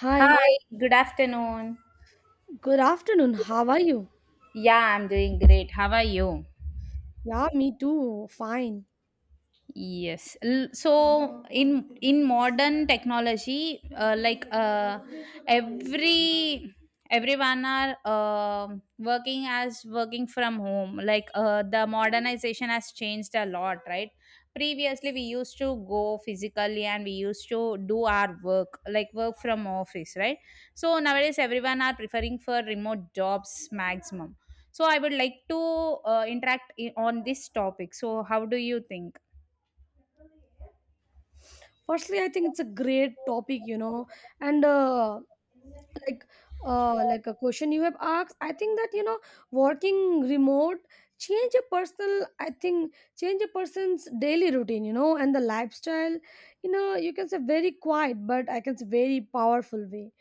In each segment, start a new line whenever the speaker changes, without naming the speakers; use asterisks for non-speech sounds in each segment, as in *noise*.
Hi,
Hi, good afternoon.
good afternoon. How are you?
Yeah, I'm doing great. How are you?
Yeah, me too. Fine.
Yes. So in modern technology, every everyone are working as working from home. The modernization has changed a lot, right? Previously, we used to go physically and we used to do our work, like work from office, right? So nowadays, everyone are preferring for remote jobs maximum. So I would like to interact on this topic. So how do you think?
Firstly, I think it's a great topic, you know, and like like a question you have asked. I think that you know, working remote change a personal. I think change a person's daily routine, you know, and the lifestyle. You know, you can say very quiet, but I can say very powerful way.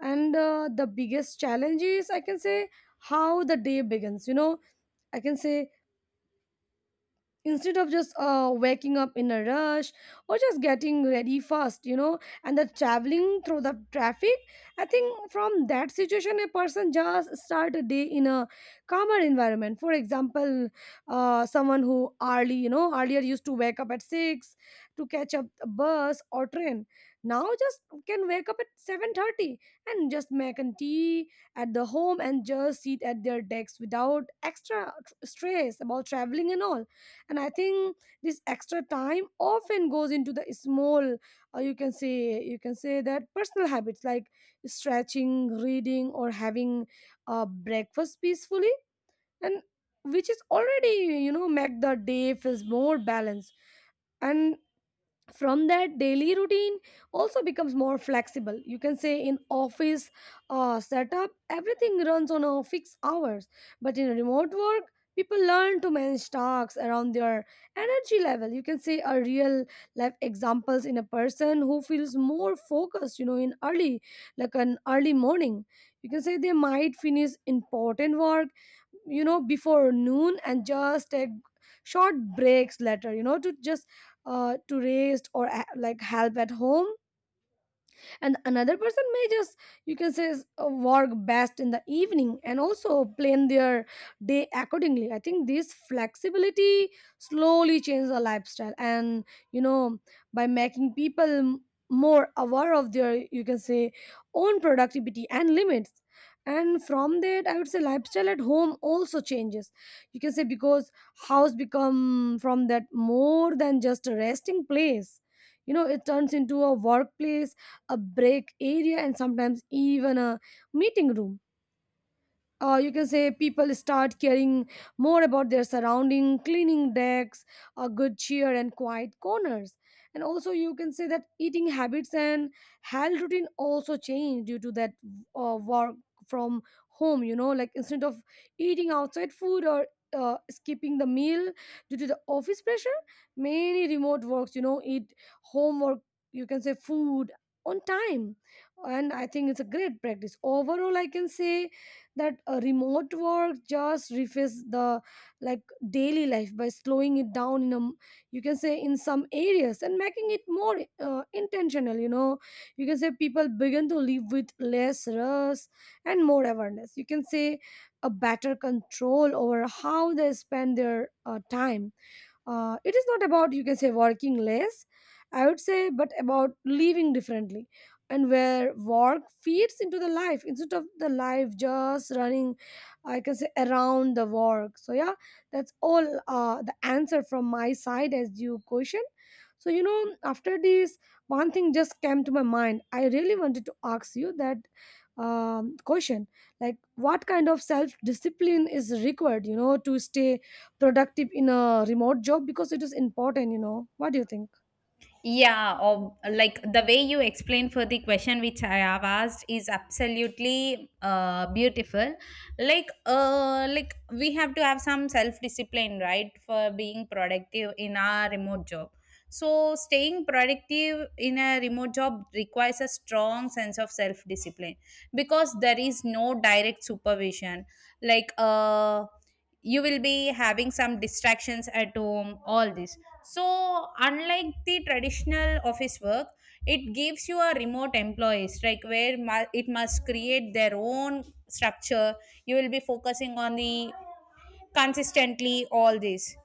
And The biggest challenge is I can say how the day begins. You know, I can say instead of just waking up in a rush or just getting ready fast, you know, and the traveling through the traffic. I think from that situation, a person just start a day in a calmer environment. For example, someone who early, you know, earlier used to wake up at 6 to catch up a bus or train, now just can wake up at 7:30 and just make a tea at the home and just sit at their decks without extra stress about traveling and all. And I think this extra time often goes into the small, you can say, you can say that personal habits like stretching, reading, or having breakfast peacefully, and which is already, you know, make the day feels more balanced. And from that, daily routine also becomes more flexible, you can say. In office setup, everything runs on a fixed hours, but in remote work people learn to manage tasks around their energy level. You can say a real life examples in a person who feels more focused, you know, in early, like an early morning, you can say they might finish important work, you know, before noon and just take short breaks later, you know, to just, to raise or like help at home. And another person may just, you can say, work best in the evening and also plan their day accordingly. I think this flexibility slowly changes the lifestyle, and you know, by making people more aware of their, you can say, own productivity and limits. And from that, I would say lifestyle at home also changes, you can say, because house become from that more than just a resting place. You know, it turns into a workplace, a break area, and sometimes even a meeting room. Or you can say people start caring more about their surrounding, cleaning decks, a good cheer and quiet corners. And also, you can say that eating habits and health routine also change due to that work from home. You know, like instead of eating outside food or skipping the meal due to the office pressure, many remote works, you know, eat homework, you can say, food on time. And I think it's a great practice overall. I can say that remote work just refits the, like, daily life by slowing it down in a, you can say, in some areas and making it more, intentional. You know, you can say people begin to live with less rush and more awareness, you can say a better control over how they spend their time. It is not about, you can say, working less, I would say, but about living differently, and where work feeds into the life instead of the life just running, I can say, around the work. So yeah, that's all, the answer from my side as you question. So you know, after this, one thing just came to my mind. I really wanted to ask you that, question, like, what kind of self discipline is required, you know, to stay productive in a remote job, because it is important. You know, what do you think?
Yeah, or like the way you explain for the question which I have asked is absolutely beautiful. Like, we have to have some self discipline, right, for being productive in our remote job. So, staying productive in a remote job requires a strong sense of self discipline because there is no direct supervision. Like, uh, you will be having some distractions at home, all this. So, unlike the traditional office work, it gives you a remote employees, like where it must create their own structure. You will be focusing on the consistently all this.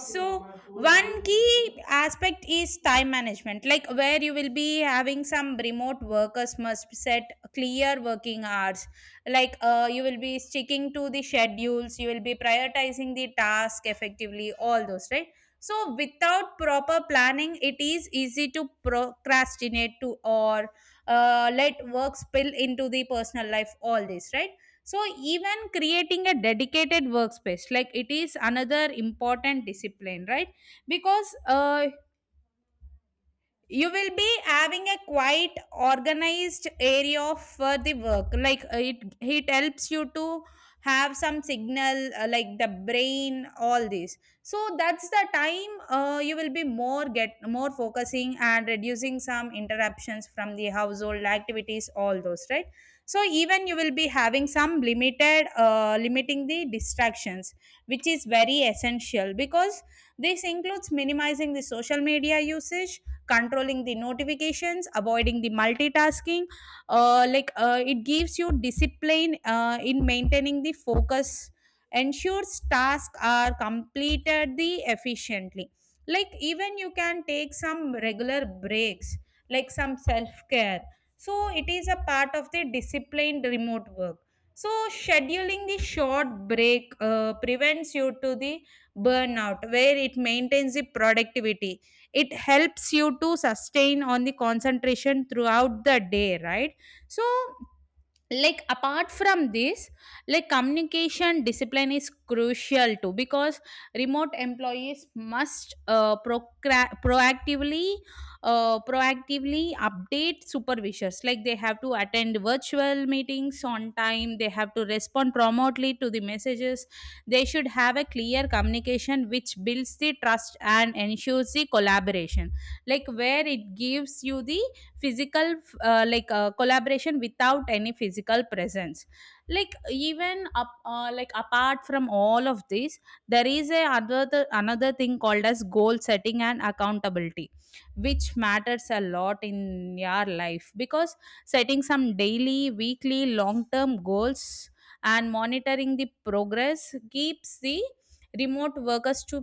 So one key aspect is time management, like where you will be having some remote workers must set clear working hours. You will be sticking to the schedules, you will be prioritizing the task effectively, all those, right? So without proper planning, it is easy to procrastinate to, or let work spill into the personal life, all this, right? So, even creating a dedicated workspace, like it is another important discipline, right? Because You will be having a quite organized area for the work, it helps you to have some signal like the brain, all this. So that's the time, you will be more get more focusing and reducing some interruptions from the household activities, all those, right? So even you will be having some limited, limiting the distractions, which is very essential because this includes minimizing the social media usage, controlling the notifications, avoiding the multitasking. It gives you discipline in maintaining the focus, ensures tasks are completed the efficiently. Like, even you can take some regular breaks, like some self care. So it is a part of the disciplined remote work. So scheduling the short break prevents you to the burnout, where it maintains the productivity. It helps you to sustain on the concentration throughout the day, right? So, like apart from this, like communication discipline is crucial too because remote employees must proactively proactively update supervisors. Like, they have to attend virtual meetings on time, they have to respond promptly to the messages. They should have a clear communication which builds the trust and ensures the collaboration, like where it gives you the physical, collaboration without any physical presence. Like, apart from all of this, there is a another another thing called as goal setting and accountability, which matters a lot in your life because setting some daily, weekly, long term goals and monitoring the progress keeps the remote workers to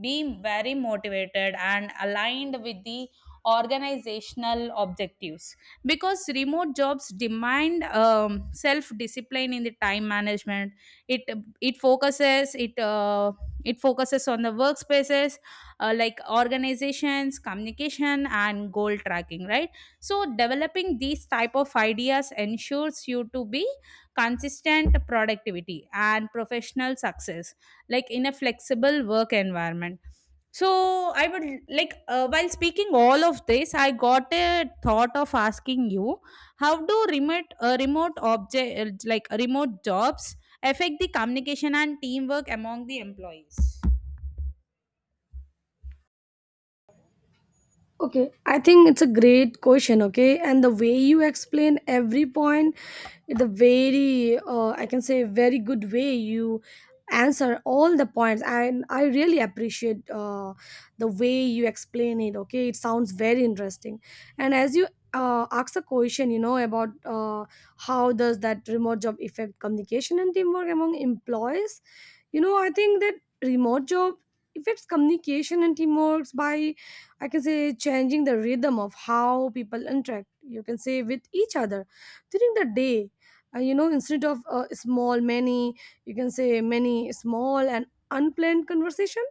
be very motivated and aligned with the organizational objectives. Because remote jobs demand self discipline in the time management, it it focuses it focuses on the workspaces, like organizations, communication and goal tracking, right? So developing these type of ideas ensures you to be consistent productivity and professional success, like in a flexible work environment. So I would, while speaking all of this, I got a thought of asking you, how do remote remote object like remote jobs affect the communication and teamwork among the employees?
Okay, I think it's a great question. Okay, and the way you explain every point, the very, I can say, very good way you answer all the points, and I really appreciate the way you explain it. Okay, it sounds very interesting, and as you. Ask a question, you know, about, how does that remote job affect communication and teamwork among employees. You know, I think that remote job affects communication and teamwork by, I can say, changing the rhythm of how people interact, you can say, with each other during the day. You know, instead of small, many, you can say, many small and unplanned conversation,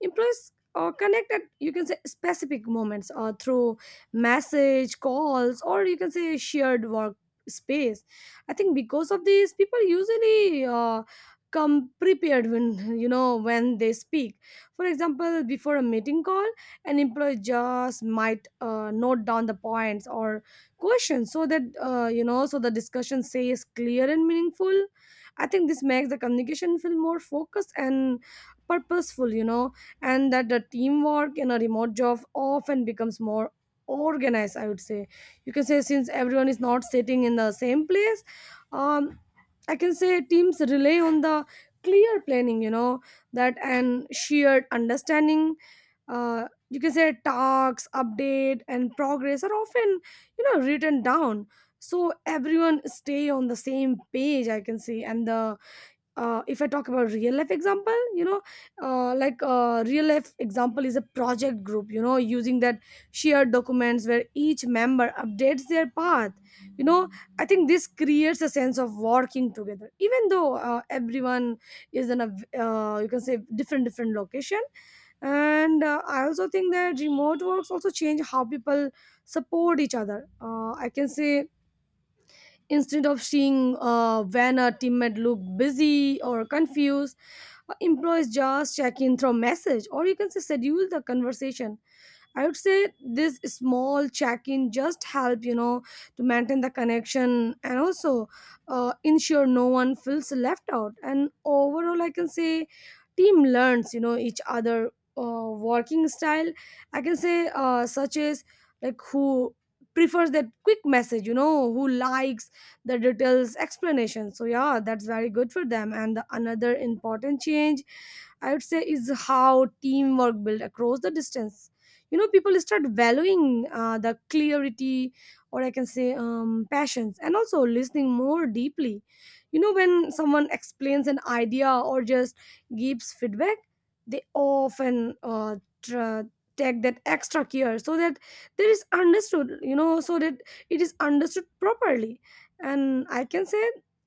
employees connect at, you can say, specific moments through message, calls, or you can say shared work space. I think because of this, people usually come prepared when, *laughs* you know, when they speak. For example, before a meeting call, an employee just might note down the points or questions so that, you know, so the discussion stays clear and meaningful. I think this makes the communication feel more focused and purposeful, you know. And that the teamwork in a remote job often becomes more organized, I would say. You can say since everyone is not sitting in the same place, um I can say teams rely on the clear planning, you know, that and shared understanding. uh you can say tasks update and progress are often, you know, written down, so everyone stay on the same page, I can say. And the, if I talk about real life example, you know, real life example is a project group, you know, using that shared documents where each member updates their path. You know, I think this creates a sense of working together, even though everyone is in a, you can say, different, different location. And I also think that remote works also change how people support each other, I can say, instead of seeing when a teammate look busy or confused, employees just check in through message or you can say schedule the conversation. I would say this small check-in just help, you know, to maintain the connection and also ensure no one feels left out. And overall, I can say team learns, you know, each other working style. I can say, such as, like, who prefers that quick message, you know, who likes the details explanation. So yeah, that's very good for them. And the another important change, I would say, is how teamwork built across the distance. You know, people start valuing the clarity, or I can say, passions, and also listening more deeply, you know, when someone explains an idea or just gives feedback, they often, tr- take that extra care so that there is understood, you know, so that it is understood properly. And I can say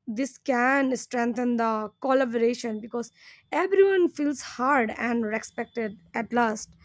this can strengthen the collaboration because everyone feels heard and respected at last.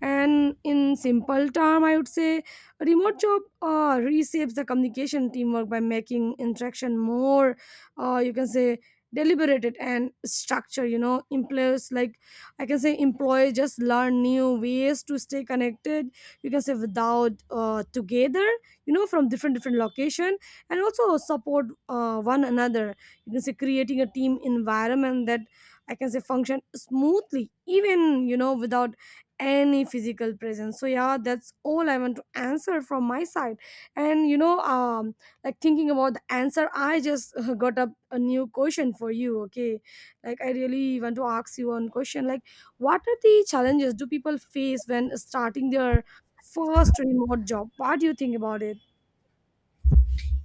And in simple term, I would say remote job reshapes the communication teamwork by making interaction more, you can say, deliberated and structured. You know, employers, like, I can say employees just learn new ways to stay connected. You can say without together, you know, from different different location, and also support one another. You can say creating a team environment that, I can say, function smoothly, even, you know, without any physical presence. So yeah, that's all I want to answer from my side. And you know, like thinking about the answer, I just got up a new question for you. Okay, like I really want to ask you one question, like, what are the challenges do people face when starting their first remote job? What do you think about it?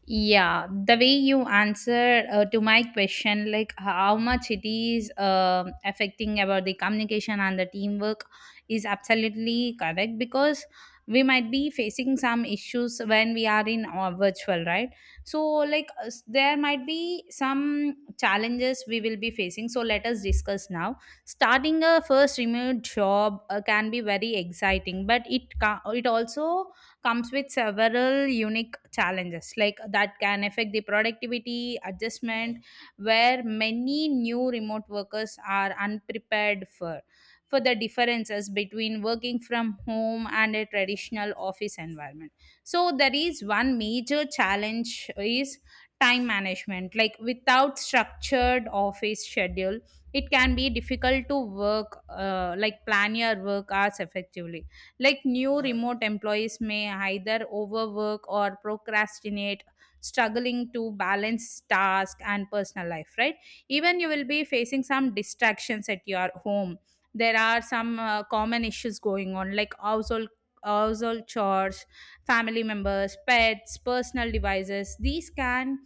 Yeah, the way you answer to my question, like how much it is affecting about the communication and the teamwork, is absolutely correct because we might be facing some issues when we are in our virtual, right? So, there might be some challenges we will be facing. So, let us discuss now. Starting a first remote job can be very exciting, but it also comes with several unique challenges like that can affect the productivity adjustment, where many new remote workers are unprepared for the differences between working from home and a traditional office environment. So there is one major challenge is time management, like without structured office schedule, it can be difficult to work like plan your work hours effectively. Like, new remote employees may either overwork or procrastinate, struggling to balance task and personal life, right? Even you will be facing some distractions at your home. There are some common issues going on, like household chores, family members, pets, personal devices. These can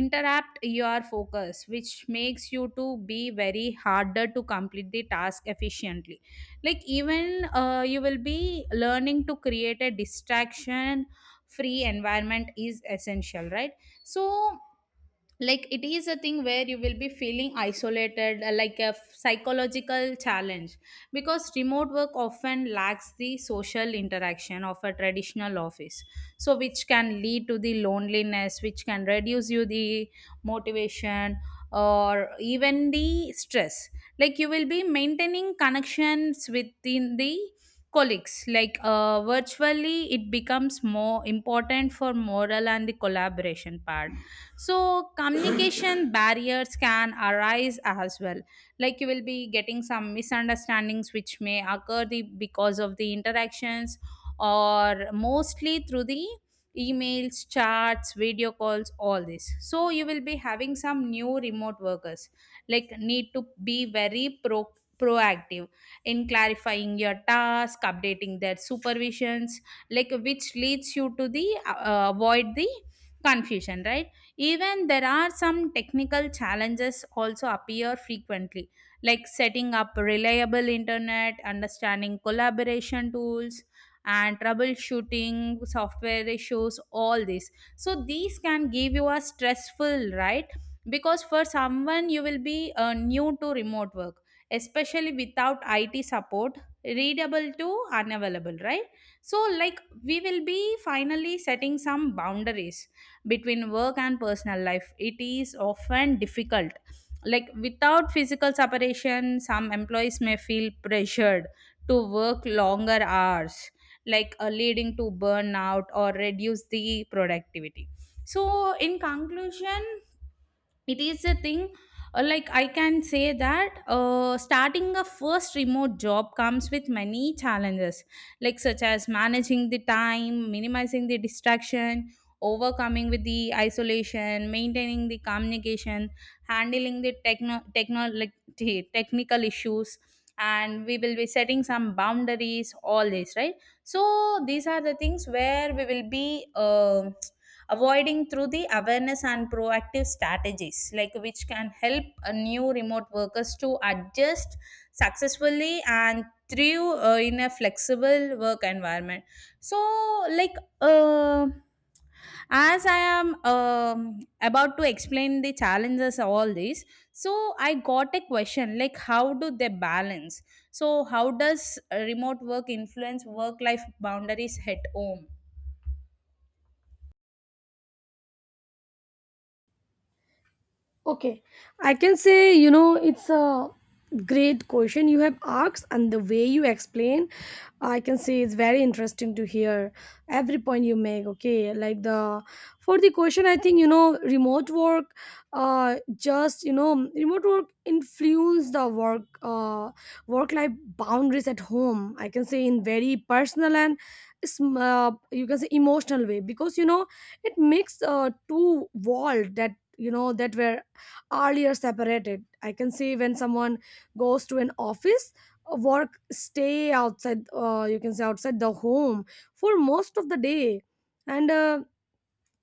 interrupt your focus, which makes you to be very harder to complete the task efficiently. Like even You will be learning to create a distraction free environment is essential, right? So, like it is a thing where you will be feeling isolated, psychological challenge, because remote work often lacks the social interaction of a traditional office. So which can lead to the loneliness, which can reduce you the motivation or even the stress. Like, you will be maintaining connections within the colleagues, virtually. It becomes more important for moral and the collaboration part. So communication *coughs* barriers can arise as well. Like, you will be getting some misunderstandings which may occur the, because of the interactions, or mostly through the emails, chats, video calls, all this. So you will be having some new remote workers, need to be very proactive in clarifying your task, updating their supervisions, like which leads you to the avoid the confusion, right? Even there are some technical challenges also appear frequently, like setting up reliable internet, understanding collaboration tools, and troubleshooting software issues, all this. So these can give you a stressful, right? Because for someone you will be new to remote work, especially without IT support, readable to unavailable, right? So like we will be finally setting some boundaries between work and personal life. It is often difficult. Like without physical separation, some employees may feel pressured to work longer hours, leading to burnout or reduce the productivity. So, in conclusion, it is a thing, I can say that starting a first remote job comes with many challenges, like such as managing the time, minimizing the distraction, overcoming with the isolation, maintaining the communication, handling the technical issues, and we will be setting some boundaries, all this, right? So these are the things where we will be avoiding through the awareness and proactive strategies, like which can help a new remote workers to adjust successfully and through in a flexible work environment. So, like uh, as I am about to explain the challenges of all these, so I got a question like how do they balance, so how does remote work influence work life boundaries at home?
Okay, I can say, you know, it's a great question you have asked, and the way you explain, I can say it's very interesting to hear every point you make. Okay, like the for the question, I think, you know, remote work, just, you know, remote work influence the work, work life boundaries at home. I can say in very personal and, you can say emotional way, because you know it makes two world that, you know, that were earlier separated. I can see when someone goes to an office, work stay outside, you can say outside the home for most of the day, and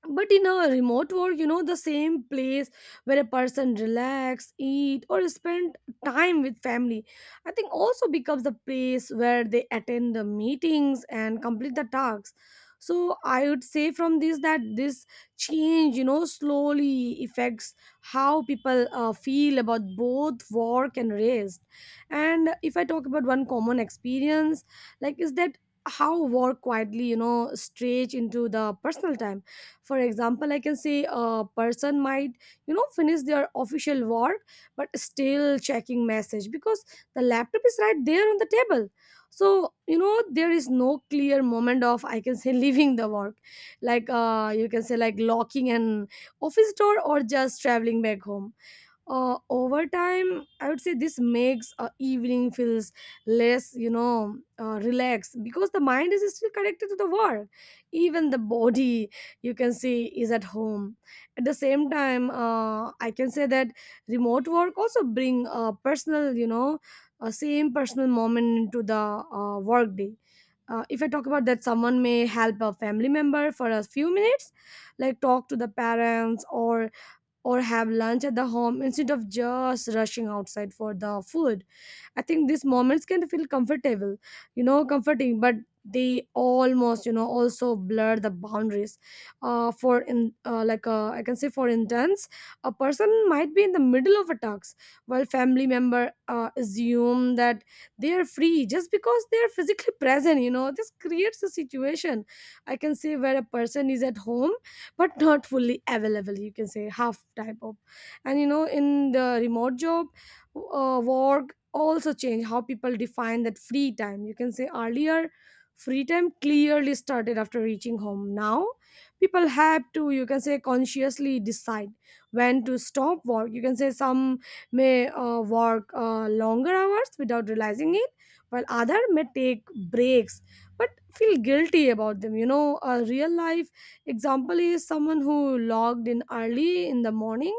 but in a remote work, you know, the same place where a person relax, eat or spend time with family, I think also becomes the place where they attend the meetings and complete the tasks. So I would say from this that this change, you know, slowly affects how people feel about both work and rest. And if I talk about one common experience, like, is that how work quietly, you know, stretch into the personal time. For example, I can say a person might, you know, finish their official work but still checking message because the laptop is right there on the table. So, you know, there is no clear moment of, I can say, *laughs* leaving the work, like, you can say like locking an office door or just traveling back home. Over time, I would say this makes, evening feels less, you know, relaxed because the mind is still connected to the world even the body, you can see, is at home. At the same time, I can say that remote work also bring, personal, you know, same personal moment into the work day. If I talk about that, someone may help a family member for a few minutes, like talk to the parents or have lunch at the home instead of just rushing outside for the food. I think these moments can feel comfortable, you know, comforting, but they almost, you know, also blur the boundaries. For in like I can say, for instance, a person might be in the middle of a talks while family member assume that they are free just because they are physically present. You know, this creates a situation, I can say, where a person is at home but not fully available. You can say half type of, and, you know, in the remote job, work also change how people define that free time. You can say earlier, free time clearly started after reaching home. Now people have to, you can say, consciously decide when to stop work. You can say some may work longer hours without realizing it, while other may take breaks but feel guilty about them. You know, a real life example is someone who logged in early in the morning,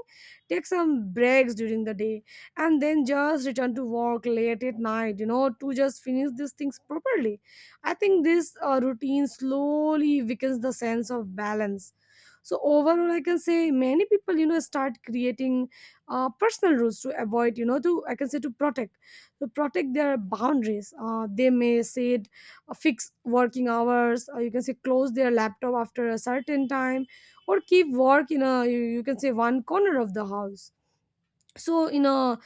take some breaks during the day and then just return to work late at night, you know, to just finish these things properly. I think this routine slowly weakens the sense of balance. So overall, I can say many people, you know, start creating personal rules to avoid, you know, to, I can say, to protect their boundaries. They may set fixed working hours or, you can say, close their laptop after a certain time or keep work in a, you can say, one corner of the house. So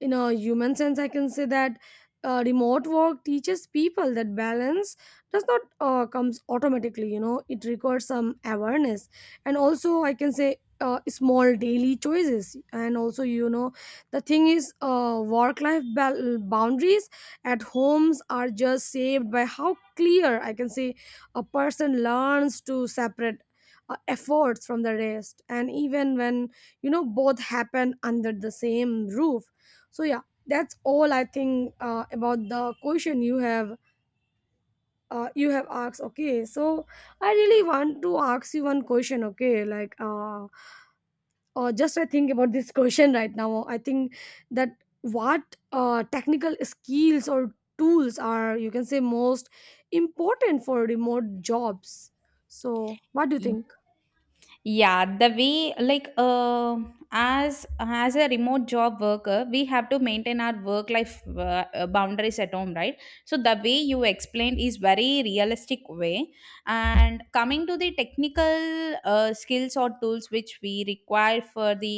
in a human sense, I can say that, remote work teaches people that balance does not comes automatically. You know, it requires some awareness and also, I can say, small daily choices. And also, you know, the thing is, work life boundaries at homes are just saved by how clear, I can say, a person learns to separate efforts from the rest, and even when, you know, both happen under the same roof. So yeah, that's all I think about the question you have asked. Okay, so I really want to ask you one question. Okay, like just I think about this *laughs* question right now. I think that what technical skills or tools are, you can say, most important for remote jobs? So what do you think?
Yeah, the way, as a remote job worker, we have to maintain our work life boundaries at home, right? So the way you explained is very realistic way. And coming to the technical skills or tools which we require for the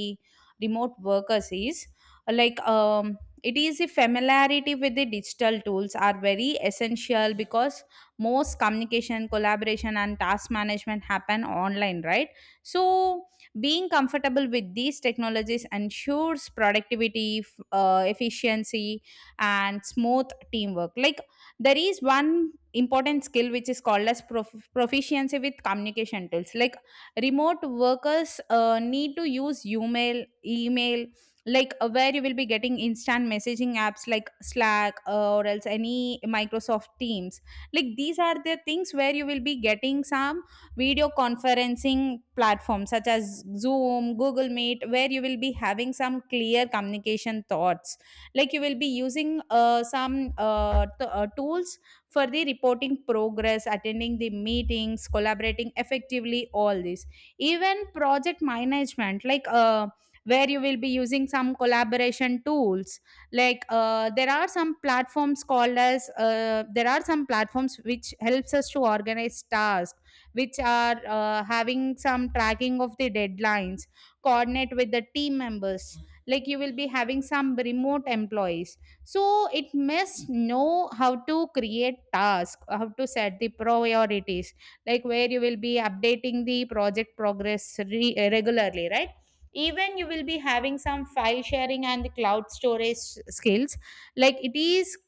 remote workers is, uh, like um, it is the familiarity with the digital tools are very essential, because most communication, collaboration and task management happen online, right? So, being comfortable with these technologies ensures productivity, efficiency, and smooth teamwork. Like, there is one important skill which is called as proficiency with communication tools. Like, remote workers need to use email, where you will be getting instant messaging apps like Slack, or else any Microsoft Teams. Like, these are the things where you will be getting some video conferencing platforms such as Zoom, Google Meet, where you will be having some clear communication thoughts. Like you will be using some tools for the reporting progress, attending the meetings, collaborating effectively, all this. Even project management, where you will be using some collaboration tools like there are some platforms called as there are some platforms which helps us to organize tasks which are having some tracking of the deadlines, coordinate with the team members. Like, you will be having some remote employees, so it must know how to create tasks, how to set the priorities, like where you will be updating the project progress regularly, right? Even you will be having some file sharing and the cloud storage skills, like it is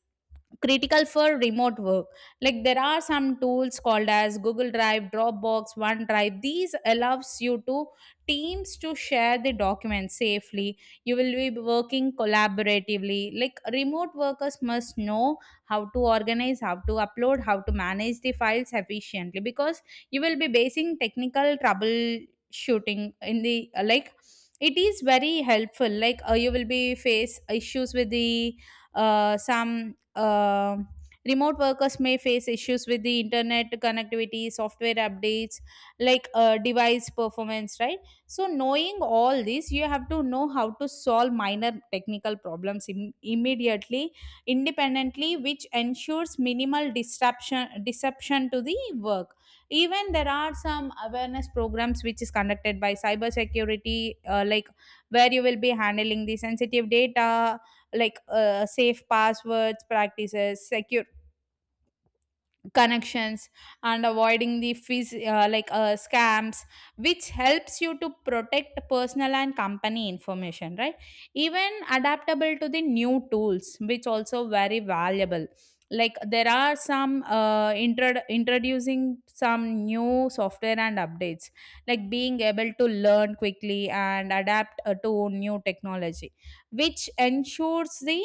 critical for remote work. Like, there are some tools called as Google Drive, Dropbox, OneDrive. These allows you to teams to share the documents safely. You will be working collaboratively. Like, remote workers must know how to organize, how to upload, how to manage the files efficiently, because you will be basing technical troubleshooting in the, like, it is very helpful. Like, you will be face issues with the some um remote workers may face issues with the internet connectivity, software updates, like device performance, right? So, knowing all this, you have to know how to solve minor technical problems immediately, independently, which ensures minimal disruption to the work. Even there are some awareness programs which is conducted by cybersecurity, like where you will be handling the sensitive data, like safe passwords practices, secure connections, and avoiding the fees scams, which helps you to protect personal and company information, right? Even adaptable to the new tools, which also very valuable. Like, there are some introducing some new software and updates, like being able to learn quickly and adapt to new technology, which ensures the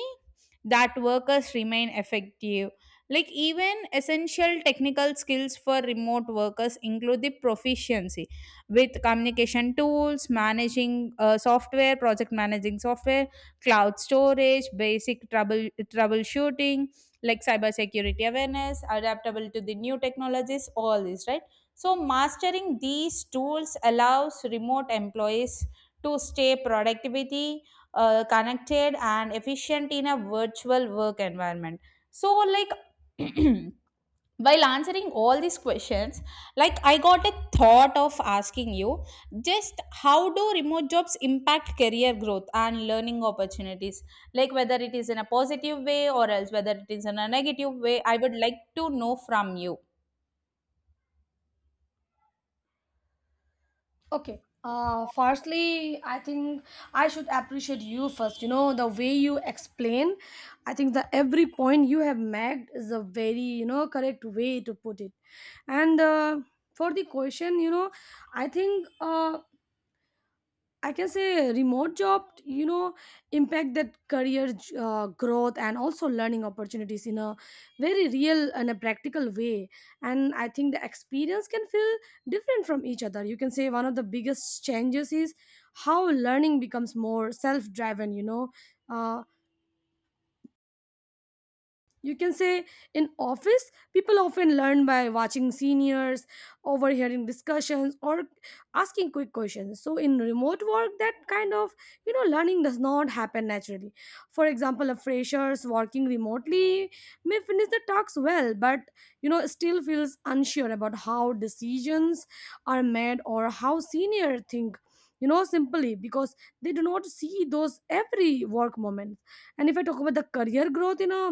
that workers remain effective. Like, even essential technical skills for remote workers include the proficiency with communication tools, managing software, project managing software, cloud storage, basic troubleshooting, like cybersecurity awareness, adaptable to the new technologies, all this, right? So mastering these tools allows remote employees to stay productivity, connected and efficient in a virtual work environment. So like *clears throat* while answering all these questions, like I got a thought of asking you, just how do remote jobs impact career growth and learning opportunities? Like whether it is in a positive way or else whether it is in a negative way, I would like to know from you.
Okay. Firstly, I think I should appreciate you first. You know, the way you explain, I think the every point you have made is a very, you know, correct way to put it. And for the question, you know, I think I can say remote job, you know, impact that career growth and also learning opportunities in a very real and a practical way. And I think the experience can feel different from each other. You can say one of the biggest changes is how learning becomes more self driven, you know. Uh, you can say in office people often learn by watching seniors, overhearing discussions or asking quick questions. So in remote work that kind of, you know, learning does not happen naturally. For example, a freshers working remotely may finish the talks well but, you know, still feels unsure about how decisions are made or how senior think, you know, simply because they do not see those every work moments. And if I talk about the career growth in a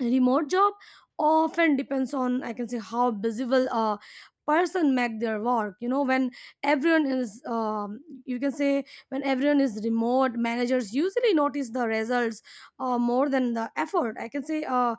remote job, often depends on, I can say, how busy will a person make their work. You know, when everyone is, you can say, when everyone is remote, managers usually notice the results more than the effort. I can say a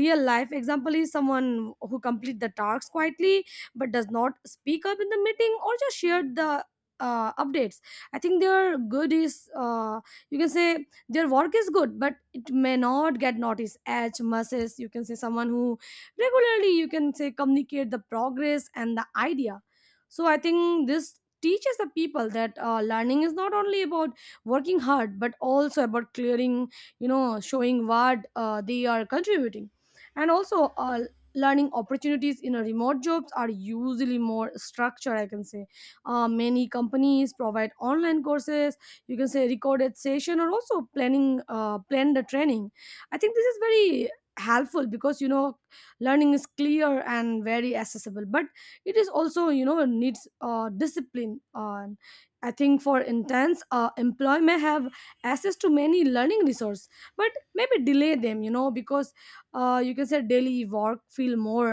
real life example is someone who complete the tasks quietly but does not speak up in the meeting or just share the updates. I think their good is, you can say, their work is good but it may not get noticed as much as, you can say, someone who regularly, you can say, communicate the progress and the idea. So I think this teaches the people that learning is not only about working hard but also about clearing, you know, showing what they are contributing. And also, learning opportunities in a remote jobs are usually more structured, I can say. Many companies provide online courses, you can say recorded session or also planning, plan the training. I think this is very helpful because, you know, learning is clear and very accessible, but it is also, you know, needs discipline on. I think for intense employee may have access to many learning resource but maybe delay them, you know, because, you can say, daily work feel more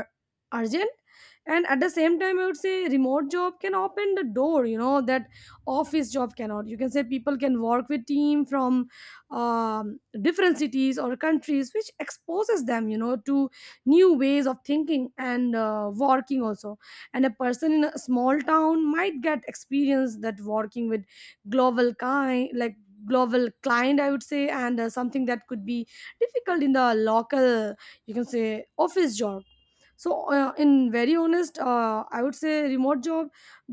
urgent. And at the same time, I would say remote job can open the door, you know, that office job cannot. You can say people can work with team from, different cities or countries which exposes them, you know, to new ways of thinking and working also. And a person in a small town might get experience that working with global kind, like global client, I would say, and something that could be difficult in the local, you can say, office job. So in very honest, I would say remote job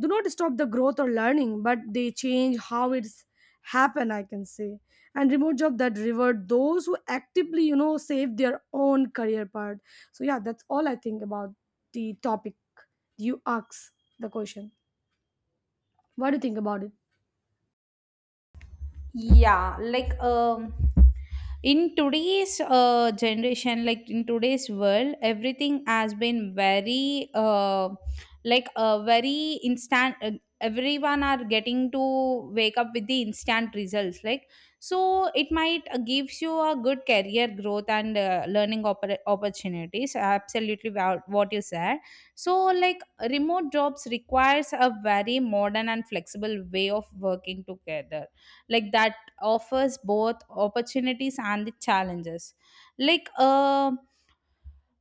do not stop the growth or learning, but they change how it's happen, I can say. And remote job that reward those who actively, you know, save their own career path. So yeah, that's all I think about the topic you asked the question. What do you think about it?
Yeah. In today's generation, like in today's world, everything has been very very instant. Everyone are getting to wake up with the instant results, like, so it might gives you a good career growth and learning opportunities, absolutely what you said. So like, remote jobs requires a very modern and flexible way of working together, like that offers both opportunities and the challenges. Like,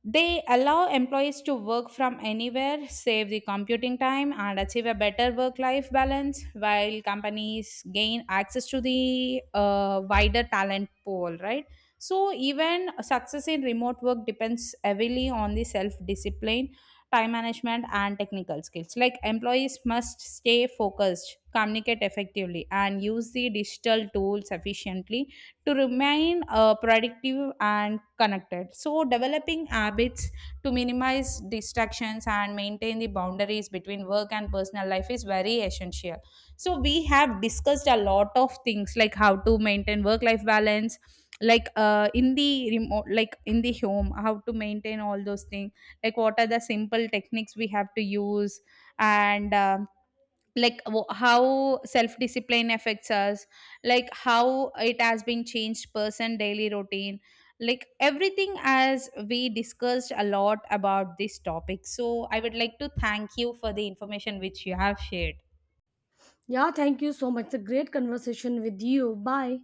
they allow employees to work from anywhere, save the computing time, and achieve a better work life balance, while companies gain access to the wider talent pool, right? So, even success in remote work depends heavily on the self discipline, time management, and technical skills. Like, employees must stay focused, communicate effectively, and use the digital tools efficiently to remain productive and connected. So, developing habits to minimize distractions and maintain the boundaries between work and personal life is very essential. So, we have discussed a lot of things like how to maintain work life balance, like in the remote, like in the home, how to maintain all those things, like what are the simple techniques we have to use, and how self discipline affects us, like how it has been changed person daily routine, like everything. As we discussed a lot about this topic, so I would like to thank you for the information which you have shared.
Yeah, thank you so much. It's a great conversation with you. Bye.